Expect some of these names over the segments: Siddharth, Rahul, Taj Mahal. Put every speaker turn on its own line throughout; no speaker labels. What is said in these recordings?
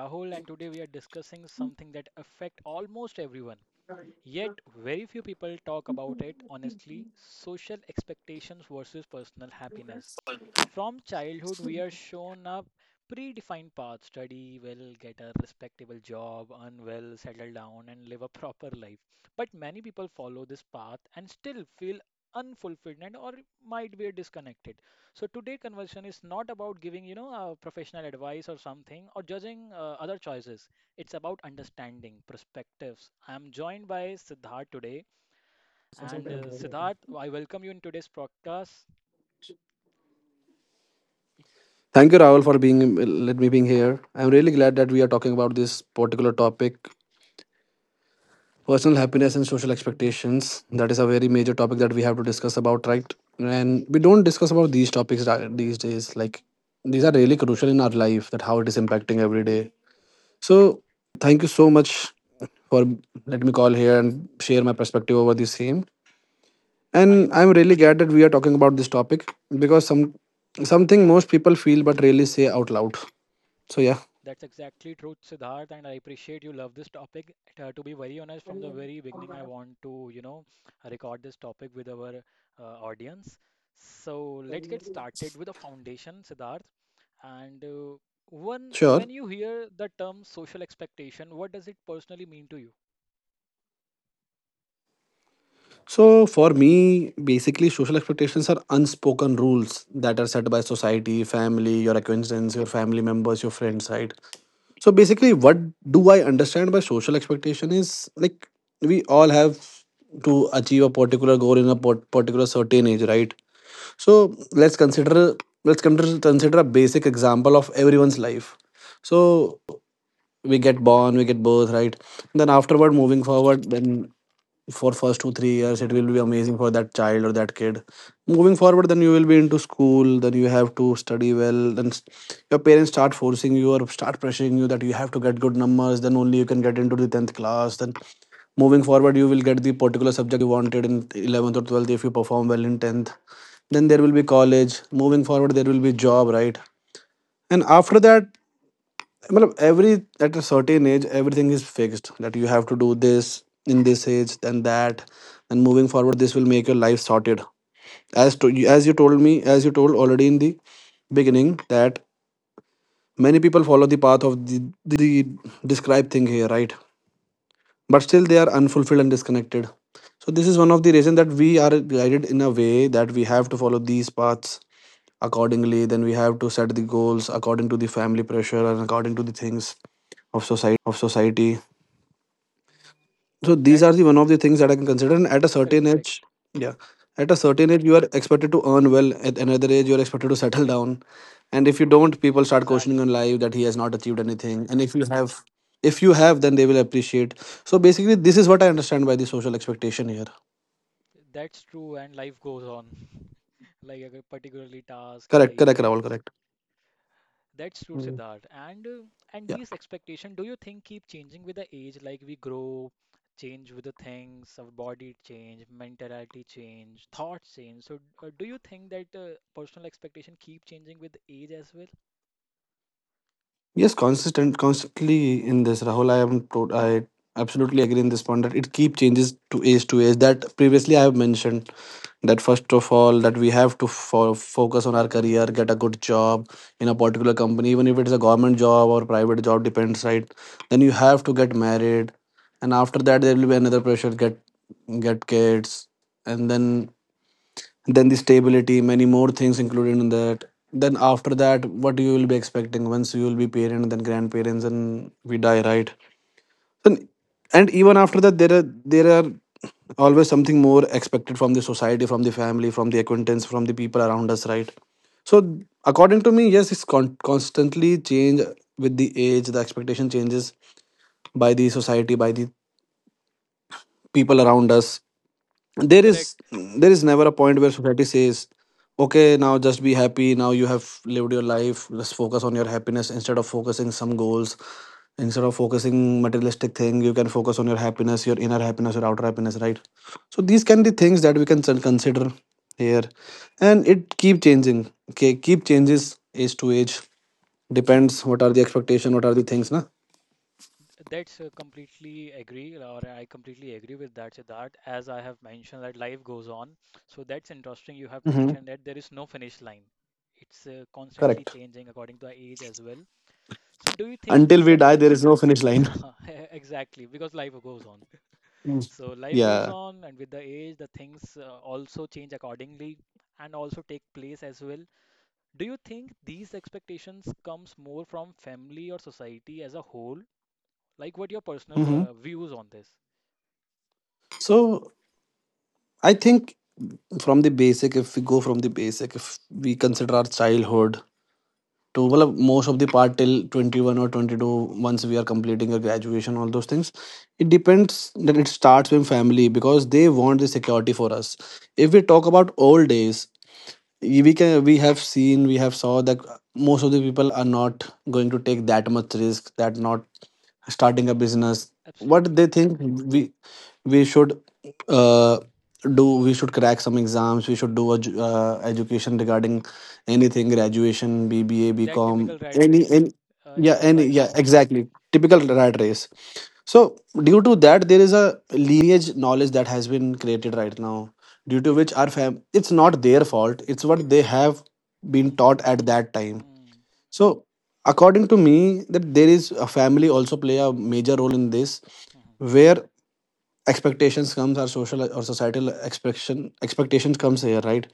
Rahul, and today we are discussing something that affect almost everyone. Yet, very few people talk about it honestly: social expectations versus personal happiness. From childhood, we are shown a predefined path: study well, get a respectable job, earn well, settle down, and live a proper life. But many people follow this path and still feel unfulfilled and or might be disconnected. So today conversion is not about giving, professional advice or something or judging other choices. It's about understanding perspectives. I am joined by Siddharth today and Siddharth, I welcome you in today's podcast.
Thank you, Rahul, for being let me being here. I'm really glad that we are talking about this particular topic, personal happiness and social expectations. That is a very major topic that we have to discuss about, right? And we don't discuss about these topics these days. Like these are really crucial in our life. That how it is impacting every day. So, thank you so much for let me call here and share my perspective over the same.
I
And I'm really glad that we are talking about this topic because something most people feel but rarely say out loud. So yeah.
That's exactly true, Siddharth, and I appreciate you love this topic. To be very honest, from the very beginning, I want to, record this topic with our audience. So let's get started with the foundation, Siddharth. And
Sure.
when you hear the term social expectation, what does it personally mean to you?
So for me, basically, social expectations are unspoken rules that are set by society, family, your acquaintance, your family members, your friends, right? So basically, what do I understand by social expectation is like we all have to achieve a particular goal in a particular certain age, right? So let's consider consider a basic example of everyone's life. So we get born, we get birth, right? Then afterward, moving forward, then for first 2 3 years, it will be amazing for that child or that kid. Moving forward, then you will be into school. Then you have to study well. Then your parents start forcing you or start pressuring you that you have to get good numbers. Then only you can get into the tenth class. Then moving forward, you will get the particular subject that you wanted in eleventh or twelfth if you perform well in tenth. Then there will be college. Moving forward, there will be job, right? And after that, Matlab, every at a certain age, everything is fixed. That you have to do this in this age, then that, and moving forward, this will make your life sorted. As to as you told me, as you told already in the beginning, that many people follow the path of the described thing here, right? But still, they are unfulfilled and disconnected. So this is one of the reasons that we are guided in a way that we have to follow these paths accordingly. Then we have to set the goals according to the family pressure and according to the things of society. So these are the
That's
one of the things that I can consider. And at a
correct,
certain age,
correct.
yeah, at a certain age you are expected to earn well, at another age you're expected to settle down, and if you don't, people
E-
start questioning on
Exactly.
life that he has not achieved anything. And if you have, if you have, then they will appreciate. So basically this is what I understand by the social expectation here.
That's true, and life goes on, like particularly task and the
Correct, correct, Rahul,
events.
correct.
That's true,
Mm.
Siddharth. And these expectations, do you think keep changing with the age? Like we grow, change with the things, our body change, mentality change, thoughts change. So do you think that personal expectation keep changing with age as well?
Yeah, yes, consistent constantly in this, Rahul, I am I absolutely agree in this point that it keep changes to age to age. That previously I have mentioned that first of all, that we have to focus on our career, get a good job in a particular company, even if it's a government job or private job, depends, right? Then you have to get married, and after that there will be another pressure, get kids, and then the stability, many more things included in that. Then after that, what you will be expecting? Once you will be parent, then grandparents, and we die, right? And even after that, there are there are always something more expected from the society, from the family, from the acquaintance, from the people around us, right? So according to me, yes, it's constantly change with the age. The expectation changes by the society, by the people around us. There
Correct.
is never a point where society says, okay, now just be happy, now you have lived your life. Let's focus on your happiness instead of focusing some goals, instead of focusing materialistic thing. You can focus on your happiness, your inner happiness, your outer happiness, right? So these can be things that we can consider here. And it keep changing, okay, keep changes age to age, depends what are the expectation, what are the things na.
That's completely agree, or I completely agree with that, Siddharth. As I have mentioned, that life goes on. So that's interesting. You have
Hmm,
mentioned that there is no finish line. It's constantly
correct,
changing according to the age as well. So do you think
until
these
we
sect
die there is no finish line.
Exactly, because life goes on.
Mm.
So life goes
Yeah.
on, and with the age, the things also change accordingly and also take place as well. Do you think these expectations comes more from family or society as a whole? Like, what your personal
Hmm.
views on this?
So I think from the basic, if we go from the basic, if we consider our childhood to well, most of the part till 21 or 22, once we are completing a graduation, all those things, it depends that it starts with family because they want the security for us. If we talk about old days, we can we have seen, we have saw that most of the people are not going to take that much risk, that not starting a business. What they
Absolutely,
think, we should uh, do, we should crack some exams, we should do a education regarding anything, graduation, BBA,
that
BCom,
typical rat
any
race
any
in
yeah
the
any yeah
society.
exactly, typical rat race. So due to that there is a lineage knowledge that has been created right now, due to which our fam it's not their fault, it's what they have been
Hmm.
taught at that time.
Hmm.
So according to me, that there is a family also play a major role in this,
Hmm.
where expectations comes, our social or societal expectations comes here, right?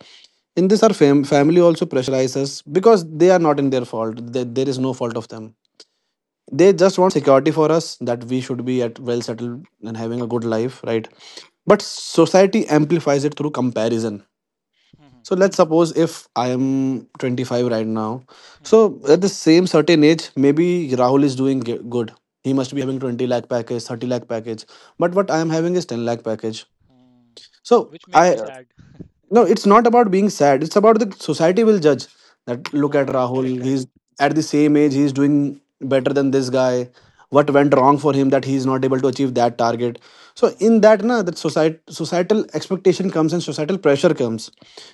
In this,
Hmm.
our family also pressurize us because they are not in their fault. There is no fault of them, they just want security for us that we should be at well settled and having a good life, right? But society amplifies it through comparison.
Hmm. Hmm. Hmm.
So let's suppose if I am 25 right now.
Hmm.
So at the same certain age, maybe Rahul is doing good. He must be
Hmm.
having 20 lakh package, 30 lakh package. But
Hmm,
what I am having is 10 lakh package.
hmm.
So
Which make you
I,
sad.
no, it's not about being sad. It's about the society will judge that look at
Correct,
Rahul,
correct.
he's at the same age, he's doing better than this guy. What went wrong for him that he's not able to achieve that target? So in
Hmm.
that na, that society societal expectation comes and societal pressure comes.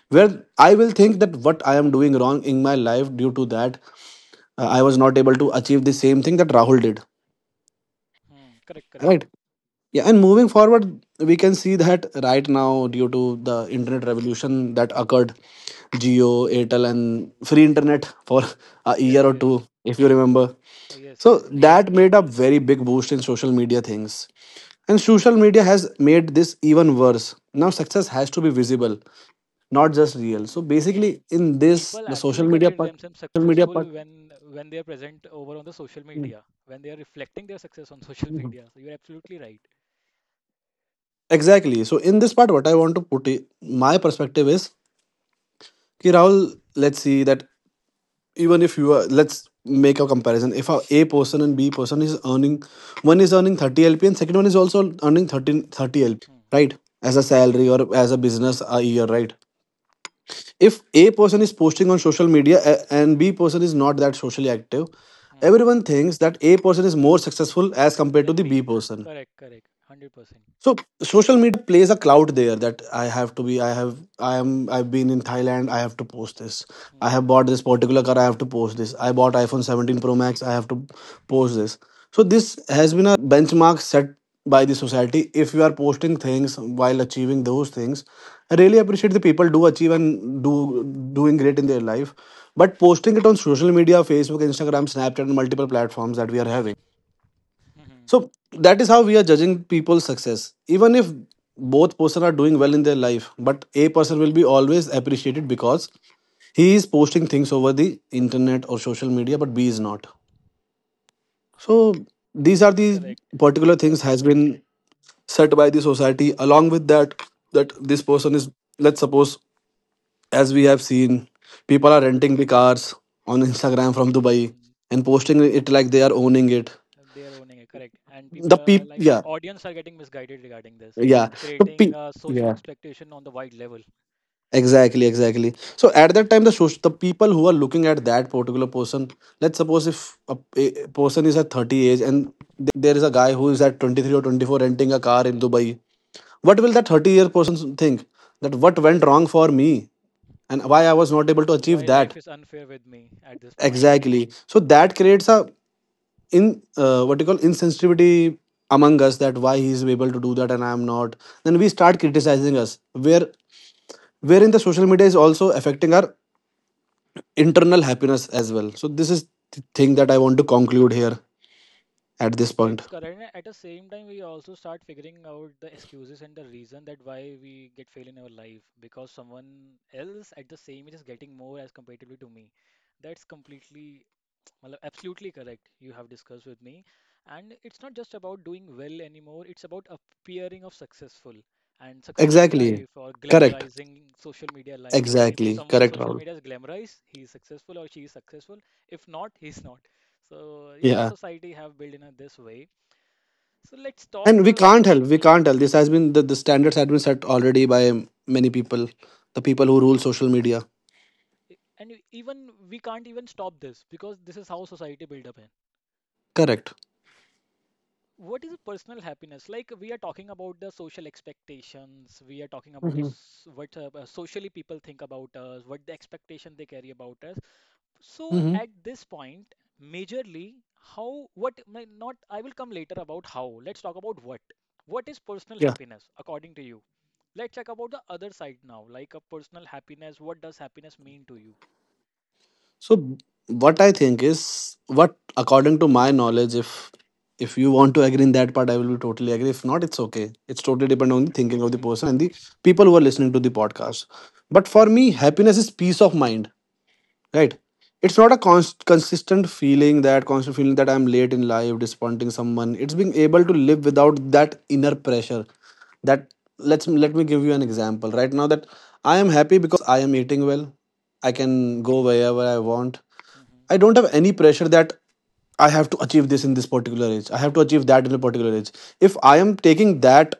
Where I will think that
Hmm.
what I am doing wrong in my life, due to that I was not able to achieve the same thing that Rahul did.
Hmm, correct,
Right.
correct.
Yeah, and moving forward, we can see that right now, due to the internet revolution that occurred, Geo, Airtel, and free internet for a year
Yes,
or
yes,
two, if you remember.
yes,
So
yes, yes.
that made a very big boost in social media things. And social media has made this even worse. Now success has to be visible, not just real. So
Hmm.
basically, in this,
People
the social
actually
media
consider
part.
themselves successful when they are present over on the social
Mhm,
media, when they are reflecting their success on social
mhm.
media. So you're absolutely right.
Exactly. So in this part, what I want to put my perspective is, ki Rahul, let's see that even if you are, let's make a comparison, if a person and b person is earning, one is earning 30 lpa and second one is also earning thirty thirty 30 lpa,
Hmm.
right, as a salary or as a business a year, right? If a person is posting on social media and b person is not that socially active,
hmm
everyone thinks that a person is more successful as compared to
Then
the
B.
b person.
Correct, correct. 100%.
So social media plays a cloud there, that I have to be, I have, I've been in Thailand, I have to post this, I have bought
Hmm.
this particular car, I have to post this, I bought iPhone 17 Pro Max, I have to post this. So this has been a benchmark set by the society. If you are posting things while achieving those things, I really appreciate the people do achieve and do doing great in their life, but posting it on social media, Facebook, Instagram, Snapchat, and multiple platforms that we are having,
hmm
so that is how we are judging people's success. Even if both person are doing well in their life, but a person will be always appreciated because he is posting things over the internet or social media, but B is not. So these are the
Correct.
particular
Uh,
things has been set by the society. Along with that, that
mhm.
this person is, let's suppose, as we have seen, people are renting the cars on Instagram from Dubai
Hmm.
and posting it like they are owning it.
They are owning it, correct. And people
The
are,
people,
like
yeah,
audience are getting misguided regarding this
yeah.
and
The
creating a social
yeah.
expectation on the wide level.
Exactly, exactly. So at that time, the the people who are looking at that particular person, let's suppose if a, a person is at 30 age and there is a guy who is at 23 or 24 renting a car in Dubai, what will that 30-year person think? That what went wrong for me and why I was not able to
Why
achieve that?
life is unfair with me at this point.
Exactly. So that creates a in what you call insensitivity among us, that why he is able to do that and I am not. Then we start criticizing us, wherein the social media is also affecting our internal happiness as well. So this is the thing that I want to conclude here at this point.
That's correct. And at the same time, we also start figuring out the excuses and the reason that why we get fail in our life because someone else at the same age is getting more as comparatively to me. That's completely well, absolutely correct. You have discussed with me. And it's not just about doing well anymore, it's about appearing of successful and successful
Exactly,
life or
correct.
glamorizing social media life. If
Exactly,
someone
correct,
social
Rahul.
media is glamorized, he is successful or she is successful. If not, he's not. So yeah,
Yeah,
society have built in a this way. So let's talk
and we can't help, we
hmm.
can't help this has been the standards have been set already by many people, the people who rule social media.
Even we can't even stop this because this is how society build up, eh?
Correct.
What is personal happiness? Like we are talking about the social expectations, we are talking about
Hmm.
those, what socially people think about us, what the expectation they carry about us. So
Hmm.
at this point majorly how what may not I will come later about how. Let's talk about what is personal
Yeah.
happiness according to you. Let's check about the other side now, like a personal happiness. What does happiness mean to you?
So what I think is, what according to my knowledge, if you want to agree in that part, I will be totally agree. If not, it's okay. It's totally depend on the thinking of the
Hmm.
person and the people who are listening to the podcast. But for me, happiness is peace of mind, right? It's not a consistent feeling, that constant feeling that I'm late in life, disappointing someone. It's being able to live without that inner pressure. That let's let me give you an example right now, that I am happy because I am eating well, I can go wherever I want.
Hmm.
I don't have any pressure that I have to achieve this in this particular age. I have to achieve that in a particular age. If I am taking that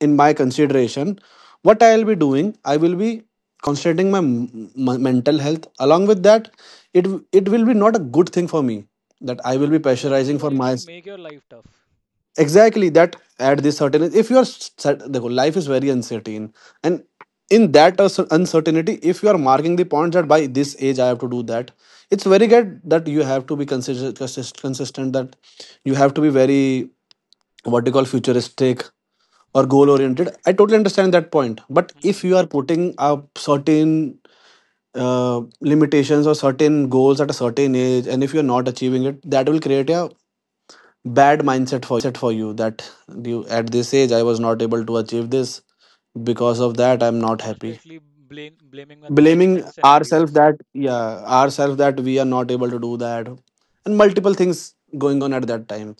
in my consideration, what I'll be doing, I will be concentrating my mental health. Along with that, it it will be not a good thing for me that I will be
Exactly,
pressurizing
even
for
it
my
will make your life tough.
exactly that at this certain. If you are set, the life is very uncertain, and in that uncertainty, if you are marking the points that by this age I have to do that, it's very good that you have to be consistent, consistent, that you have to be very, what you call, futuristic or
Hmm.
goal oriented. I totally understand that point. But if you
Hmm.
are putting up certain limitations or certain goals at a certain age, and if you're not achieving it, that will create a bad mindset for you, that you, at this age, I was not able to achieve this. Because of that, I'm
And
not happy,
constantly blame blaming the
blaming
things and
ourselves
scenarios.
that yeah, ourselves that we are not able to do that, and multiple things going on at that time.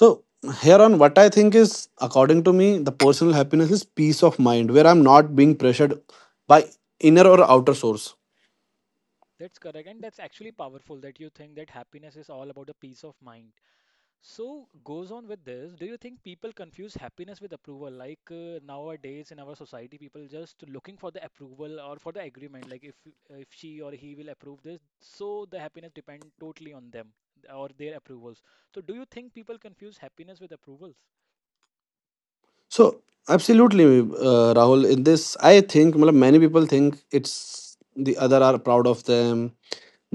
So here on, what I think is, according to me, the personal happiness is peace of mind, where I'm not being pressured by inner or outer source.
That's correct, and that's actually powerful that you think that happiness is all about the peace of mind. So goes on with this. Do you think people confuse happiness with approval? Like nowadays in our society, people just looking for the approval or for the agreement. Like if she or he will approve this, so the happiness depend totally on them or their approvals. So do you think people confuse happiness with approvals?
So absolutely, Rahul, in this I think, matlab, many people think it's the other are proud of them,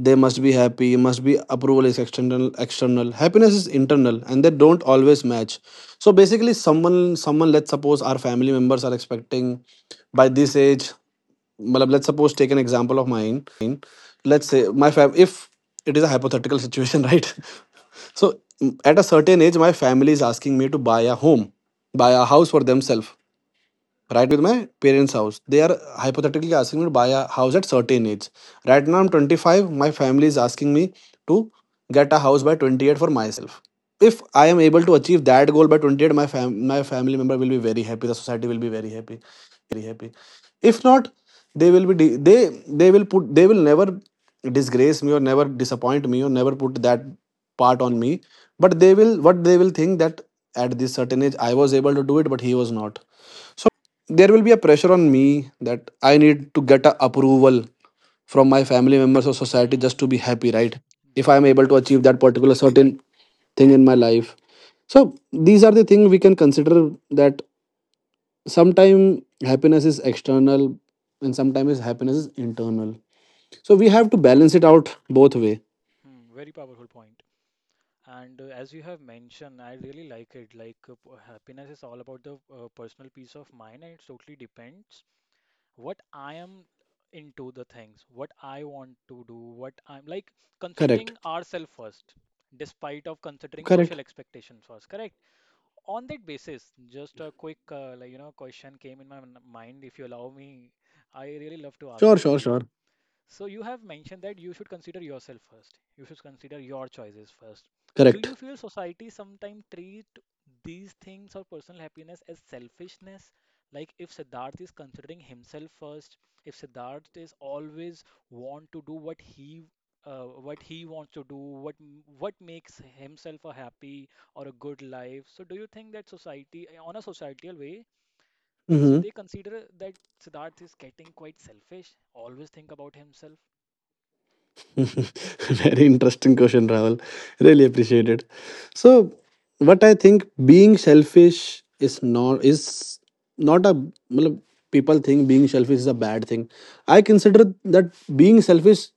they must be happy, must be, approval is external, external happiness is internal, and they don't always match. So basically, someone, let's suppose our family members are expecting, by this age, matlab, let's suppose take an example of mine. Let's say my fam, if it is a hypothetical situation right? So at a certain age, my family is asking me to buy a home, buy a house for themselves. Right now I'm living with my parents house. They are hypothetically asking me to buy a house at certain age. Right now I'm 25. My family is asking me to get a house by 28 for myself. If I am able to achieve that goal by 28, my family member will be very happy. The society will be very happy. If not, they will be they will put, they will never disgrace me or never disappoint me or never put that part on me, but they will, what they will think, that at this certain age I was able to do it, but he was not. So by which, there will be a pressure on me that I need to get a approval from my family members or society just to be
Hmm.
happy, right? If I
Just
am able to
correct.
achieve that particular certain thing in my life. So these are the things we can consider, that sometimes happiness is external and sometimes happiness is internal. So we
Hmm.
have to balance it out both way.
Hmm. Very powerful point. And as you have mentioned, I really like it. Like happiness is all about the personal peace of mind, and it totally depends what I am into the things, what I want to do, what I'm like
Correct.
considering ourselves first, despite of considering social
Correct.
expectations first. Correct. On that basis, just a quick like, question came in my mind. If you allow me, I really love to ask
Sure,
this with
sure,
you.
sure.
So you have mentioned that you should consider yourself first. You should consider your choices first. Do
Correct.
you feel society sometimes treat these things or personal happiness as selfishness? Like if Siddharth is considering himself first, if Siddharth is always want to do what he wants to do, what what makes himself a happy or a good life. So do you think that society, on a societal way, so
Mm-hmm.
they consider that Siddharth is getting quite selfish, always think about himself?
Very interesting question, Rahul. Really appreciate it. So, what I think being selfish is not a, matlab, people think being selfish is a bad thing. I consider that being selfish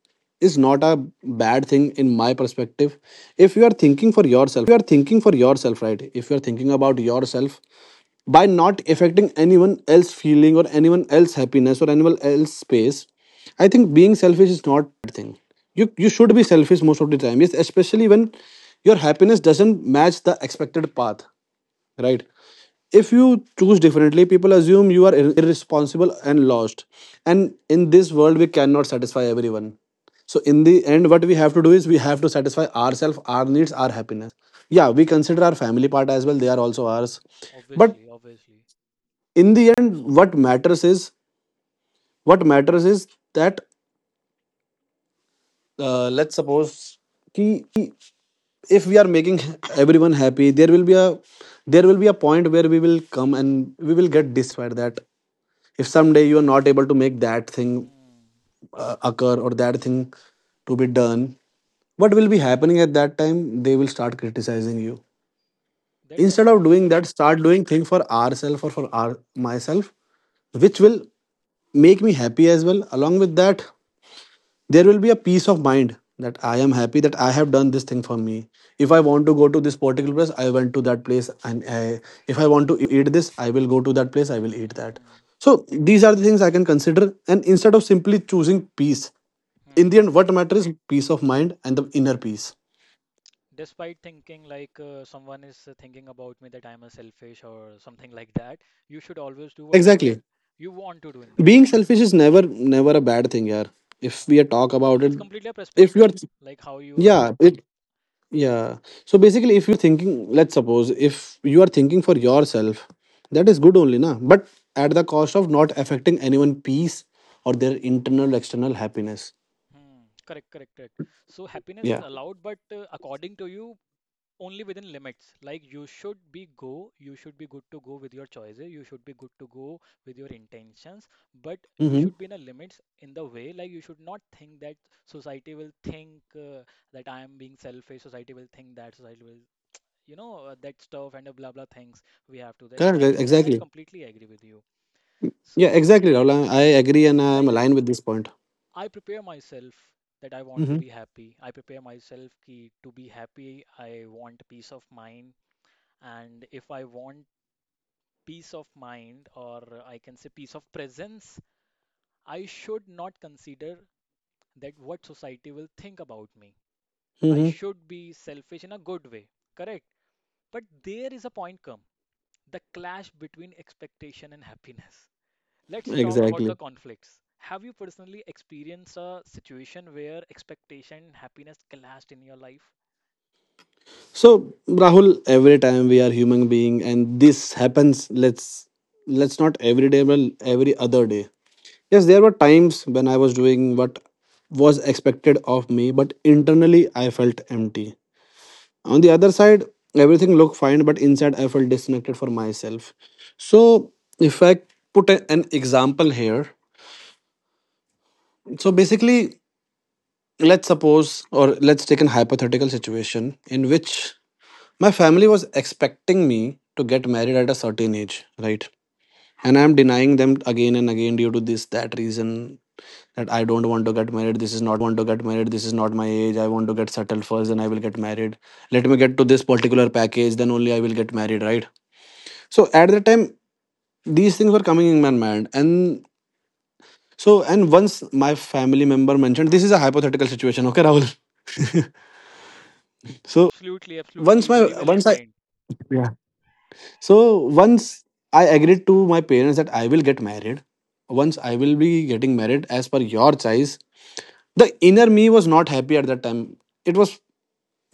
is not a bad thing in my perspective. If you are thinking for yourself, right? If you are thinking about yourself, by not affecting anyone else feeling or anyone else happiness or anyone else space, I think being selfish is not bad thing. You should be selfish most of the time, yes, especially when your happiness doesn't match the expected path. Right? If you choose differently, people assume you are irresponsible and lost. And in this world, we cannot satisfy everyone. So in the end, what we have to do is, we have to satisfy ourselves, our needs, our happiness. Yeah, we consider our family part as well, they are also ours. But
Obviously, obviously.
in the end, what matters is, what matters is that, let's suppose कि if we are making everyone happy, there will be a, there will be a point where we will come and we will get dissatisfied, that if someday you are not able to make that thing
Hmm.
occur or that thing to be done, what will be happening at that time, they will start criticizing you.
That's
Instead of
absolutely
doing that,
correct.
start doing thing for ourselves or for our myself, which will make me happy as well. Along with that, there will be a peace of mind that I am happy that I have done this thing for me. If I want to go to this particular place, I went to that place, and I, if I want to eat this, I will go to that place. I will eat that.
Hmm.
So these are the things I can consider, and instead of simply choosing peace, in
Hmm.
the end, what matters is peace of mind and the inner
Hmm.
peace.
Despite thinking like someone is thinking about me that I'm a selfish or something like that, you should always do whatever
Exactly.
you want to do in the
Being
life.
selfish is never a bad thing, yeah.
Uh,
If we talk about it,
it's completely a
if you are,
perspective, like how you are.
yeah, it. Yeah. So basically, if you are thinking, let's suppose if you are thinking for yourself, that is good only, na. But at the cost of not affecting anyone' peace or their internal external happiness.
Hmm. Correct, correct, correct. So happiness is
Yeah.
allowed, but according to you, only within limits, like you should be go you should be good to go with your choices, you should be good to go with your intentions, but you
Mm-hmm.
should be in a limits in the way, like you should not think that society will think that I am being selfish, society will think that society will that stuff and blah blah things we have to do.
Correct. Correct.
Exactly, and I
Exactly.
completely agree with you.
Yeah.
So
Exactly, Rahul. I agree and I am
like
aligned with this point.
I prepare myself that I want to
Mm-hmm.
be happy, I prepare myself ki, to be happy I want peace of mind, and if I want peace of mind, or I can say peace of presence, I should not consider that what society will think about me. I
Mm-hmm.
should be selfish in a good way, correct? But there is a point come the clash between expectation and happiness. Let's talk about the
Exactly.
conflicts. Have you personally experienced a situation where expectation and happiness clashed in your life?
So Rahul, every time we are human being, and this happens. Let's not every day, but every other day. Yes, there were times when I was doing what was expected of me, but internally I felt empty. On the other side, everything looked fine, but inside I felt disconnected for myself. So, if I put an example here, so basically, let's suppose or let's take an hypothetical situation in which my family was expecting me to get married at a certain age, right? And I'm denying them again and again due to this, that reason, that I don't want to get married. This is not my age. I want to get settled first, and I will get married. Let me get to this particular package, then only I will get married, right? So at that time, these things were coming in my mind, and so and once my family member mentioned, this is a hypothetical situation, okay, Rahul. So
Absolutely, absolutely.
once my,
Very well
once I,
explained.
yeah. So once I agreed to my parents that I will get married, once I will be getting married as per your choice, the inner me was not happy at that time. It was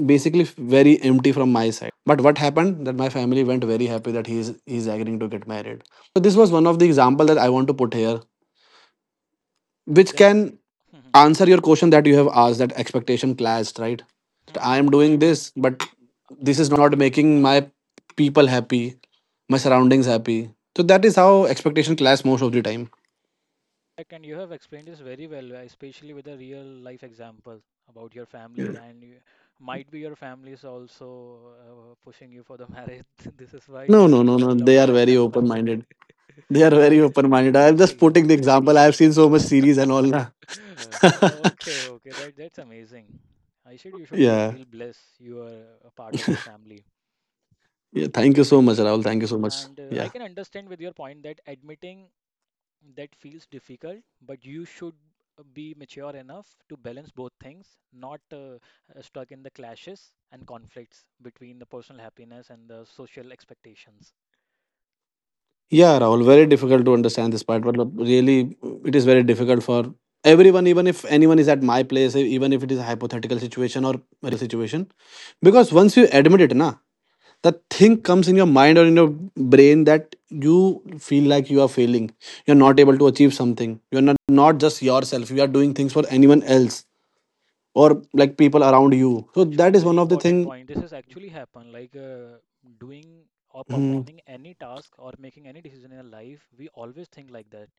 basically very empty from my side. But what happened, that my family went very happy, that he's agreeing to get married. So this was one of the example that I want to put here, which
That's
can answer your question that you have asked, that expectation clashed, right? That I am doing this, but this is not making my people happy, my surroundings happy. So that is how expectation clash most of the time.
and you have explained this very well, especially with a real life example about your family,
Yeah.
and you, might be your family is also pushing you for the marriage. This is why you
no no
have
no no
pulled out
they
this
are very
example.
open minded, they are very open minded. I'm
That's
just putting
crazy.
the example. I have seen so much series and all, na.
Okay, okay, that's amazing. I should you should
Yeah.
feel blessed you are a part of that family.
Yeah. Thank you so
Amazing.
much, Rahul. Thank you so much.
And I
Yeah.
can understand with your point that admitting that feels difficult, but you should be mature enough to balance both things, not stuck in the clashes and conflicts between the personal happiness and the social expectations.
Yeah, Rahul. Very
So,
difficult to understand this part, but look, really, it is very difficult for everyone, even if anyone is at my place, even if it is a hypothetical situation or a real situation. Because once you admit it, na, the thing comes in your mind or in your brain that you feel like you are failing. You're not able to achieve something. You're not, just yourself. You are doing things for anyone else or like people around you. So
actually,
that is
very
one of the
important
thing.
point. This has actually happened. Like doing or
Mhm.
performing any task or making any decision in our life, we always think like that.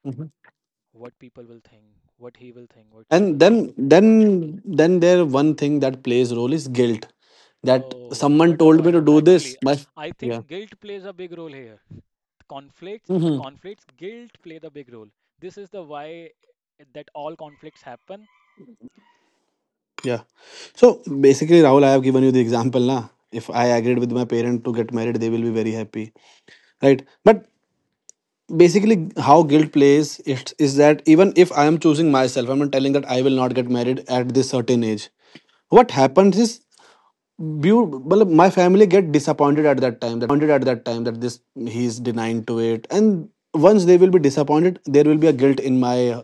What people will think, what he will think, what she
and
will think.
then then then there one thing that plays role is guilt, that
Oh,
someone
what a
told me
point.
to do
Actually,
this. But
I
yeah.
think guilt plays a big role here. Conflicts in the
Hmm.
conflicts guilt play the big role, this is the why that all conflicts happen,
Yeah. So basically, Rahul, I have given you the example na. If I agreed with my parent to get married, they will be very happy, right? But basically, how guilt plays it is that even if I am choosing myself, I'm not telling that I will not get married at this certain age. What happens is my family get disappointed at that time, that this he is denying to it. And once they will be disappointed, there will be a guilt in my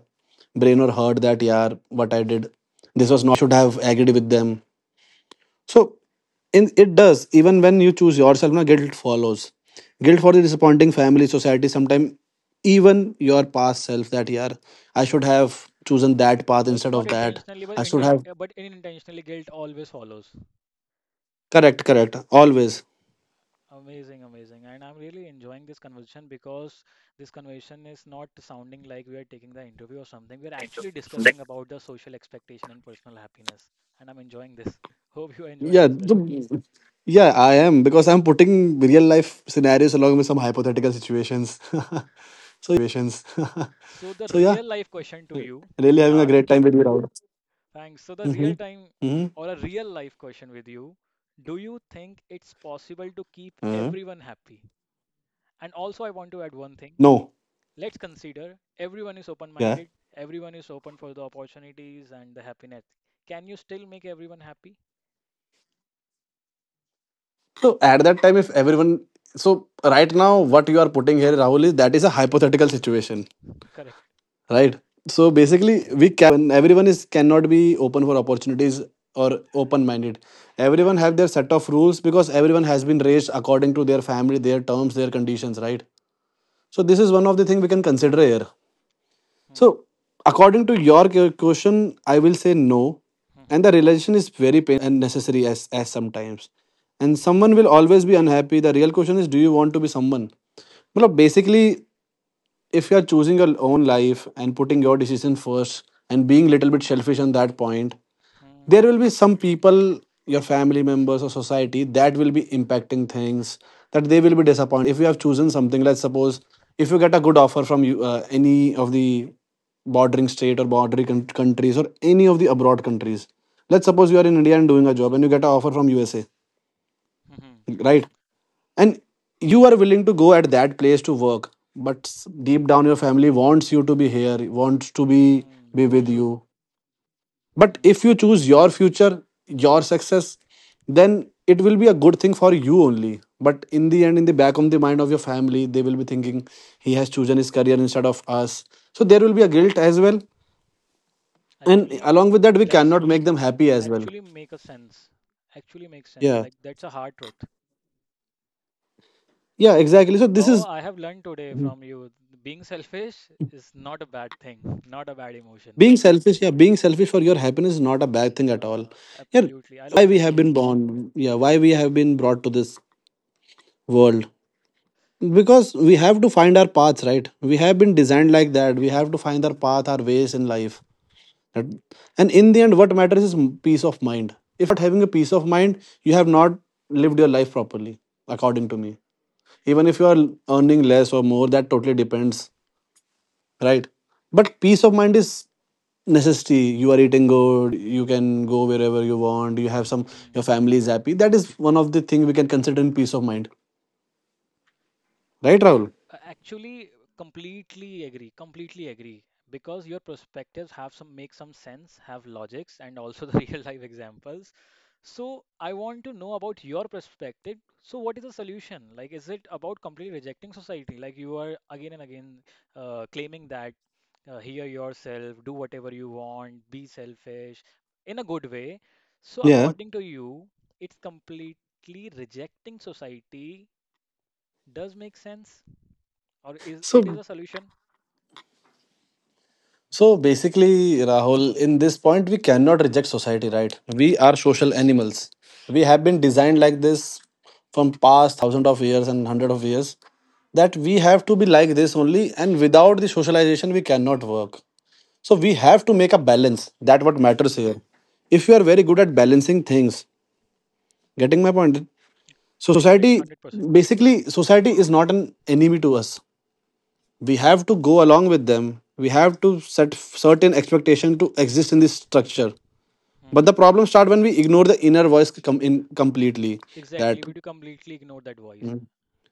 brain or heart, that yeah, what I did, this was not right, I should have agreed with them. So in it does, even when you choose yourself, no guilt follows. Guilt for the disappointing family, society, sometimes even your past self, that yeah, I should have chosen that path
like
instead
not
of that.
intentionally but
I should have
unintentionally guilt always follows.
correct, correct. Always.
Amazing, amazing, and I'm really enjoying this conversation because this conversation is not sounding like we are taking the interview or something, we're actually discussing about the social expectation and personal happiness and I'm enjoying this. Hope you are enjoying
Yeah.
as well.
I am, because I'm putting real life scenarios along with some hypothetical situations.
So the
So yeah,
real life question to you,
really having a great
Siddharth.
time with you, Rahul.
Thanks. So, the
Mm-hmm.
real time
Mm-hmm.
or a real life question with you. Do you think it's possible to keep
Hmm?
everyone happy? And also, I want to add one thing.
No.
Let's consider everyone is open
Yeah.
minded, everyone is open for the opportunities and the happiness. Can you still make everyone happy?
So at that time, if everyone, so right now, what you are putting here, Rahul, is that is a hypothetical situation,
Correct.
right? So basically, we cannot make everyone. Everyone is cannot be open for opportunities or open-minded. Everyone have their set of rules, because everyone has been raised according to their family, their terms, their conditions, right? So this is one of the thing we can consider here.
Hmm.
So, according to your question, I will say no. And
Hmm.
the relation is very painful and necessary as sometimes. And
Hmm.
someone
Hmm.
will always be unhappy. The real question is, do you want to be someone? Well, basically, if you are choosing your own life and putting your decision first and being little bit selfish on that point, there
Hmm.
will be some people, your family members or society, that will be impacting things, that they will be disappointed. If you have chosen something, let's suppose if you get a good offer from any of the bordering state or bordering countries, or any of the abroad countries. Let's suppose you are in India and doing a job, and you get an offer from USA,
Hmm. Hmm.
right? And you are willing to go at that place to work, but deep
hmm,
down your family wants you to be here, wants to be
hmm.
be
True,
with
true.
you. But if
Hmm.
you choose your future, your success, then it will be a good thing for you only. But in the end, in the back of the mind of your family, they will be thinking he has chosen his career instead of us. So there will be a guilt as well, and
Actually,
along with that, we
that's
cannot make them happy as well.
actually make a sense. Actually makes sense.
Yeah,
Like that's a hard truth.
yeah,
And
exactly. So this
though
is
I have learned today from you, being selfish is not a bad thing, not a bad emotion.
being selfish. Yeah, being selfish for your happiness is not a bad thing at all.
Uh,
Yeah,
absolutely. I
why
love
we
that.
have been born, yeah, why we have been brought to this world? Because we have to find our paths, right? We have been designed like that. We have to find our path, our ways in life. That- and in the end, what matters is peace of mind. If you're not having a peace of mind, you have not lived your life properly, according to me. Even if you are earning less or more, that totally depends, right? But peace of mind is necessity. You are eating good. You can go wherever you want. You have some. Your
Hmm.
family is happy. That is one of the thing we can consider in peace of mind, right, Rahul?
Actually, completely agree, completely agree. Because your perspectives have some make some sense, have logics, and also the real life examples. So I want to know about your perspective. So what is the solution? Like, is it about completely rejecting society? Like you are again and again claiming that hear yourself, do whatever you want, be selfish in a good way. So
Yeah.
according to you, it's completely rejecting society. Does make sense? Or
So
is a solution?
so basically, Rahul, in this point, we cannot reject society, right? We are social animals. We have been designed like this from past thousand of years and hundred of years, that we have to be like this only, and without the socialization we cannot work. So we have to make a balance. That what matters here. If you are very good at balancing things, getting my point?
Correct, correct,
Society,
100%.
basically society is not an enemy to us. We have to go along with them. We have to set certain expectation to exist in this structure. But
Hmm.
the problem start when we ignore the inner voice in completely.
Exactly.
That
We do completely ignore that voice.
Mm.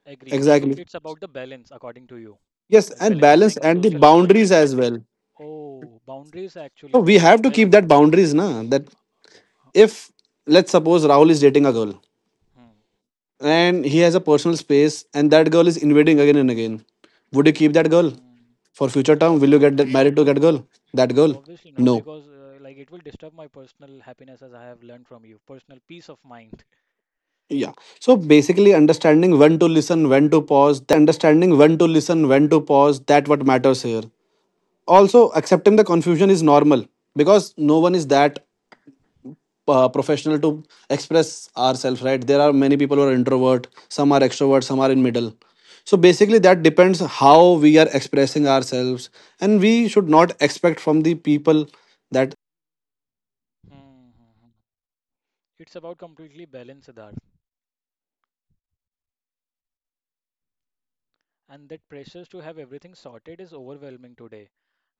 Agree. So
exactly,
it's about the balance, according to you.
yes,
Like
and balance
balancing
and the
social
boundaries
expectation.
as well.
Oh, boundaries
So
actually
we
the
have to
best
keep
word.
that boundaries, na. That
Huh.
if let's suppose Rahul is dating a girl
Hmm.
and he has a personal space, and that girl is invading again and again, would you keep that girl
Hmm.
for future term? Will you
Obviously
get that
no.
married to that girl? That girl,
Obviously no,
no.
because like it will disturb my personal happiness as I have learned from you, personal peace of mind.
Yeah. So basically, understanding when to listen, when to pause, that what matters here. Also accepting the confusion is normal, because no one is that professional to express ourselves, right? There are many people who are introvert, some are extrovert, some are in middle. So basically that depends how we are expressing ourselves, and we should not expect from the people that
Hmm. hmm, hmm. It's about completely balance, Siddharth. And that pressures to have everything sorted is overwhelming today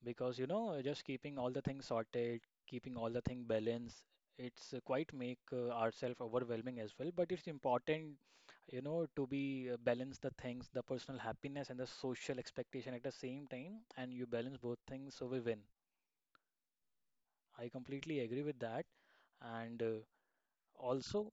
because, you know, just keeping all the things sorted, keeping all the thing balanced, it's quite make ourselves overwhelming as well. But it's important, you know, to be balance the things, the personal happiness and the social expectation at the same time, and you balance both things, so we win. I completely agree with that. And also,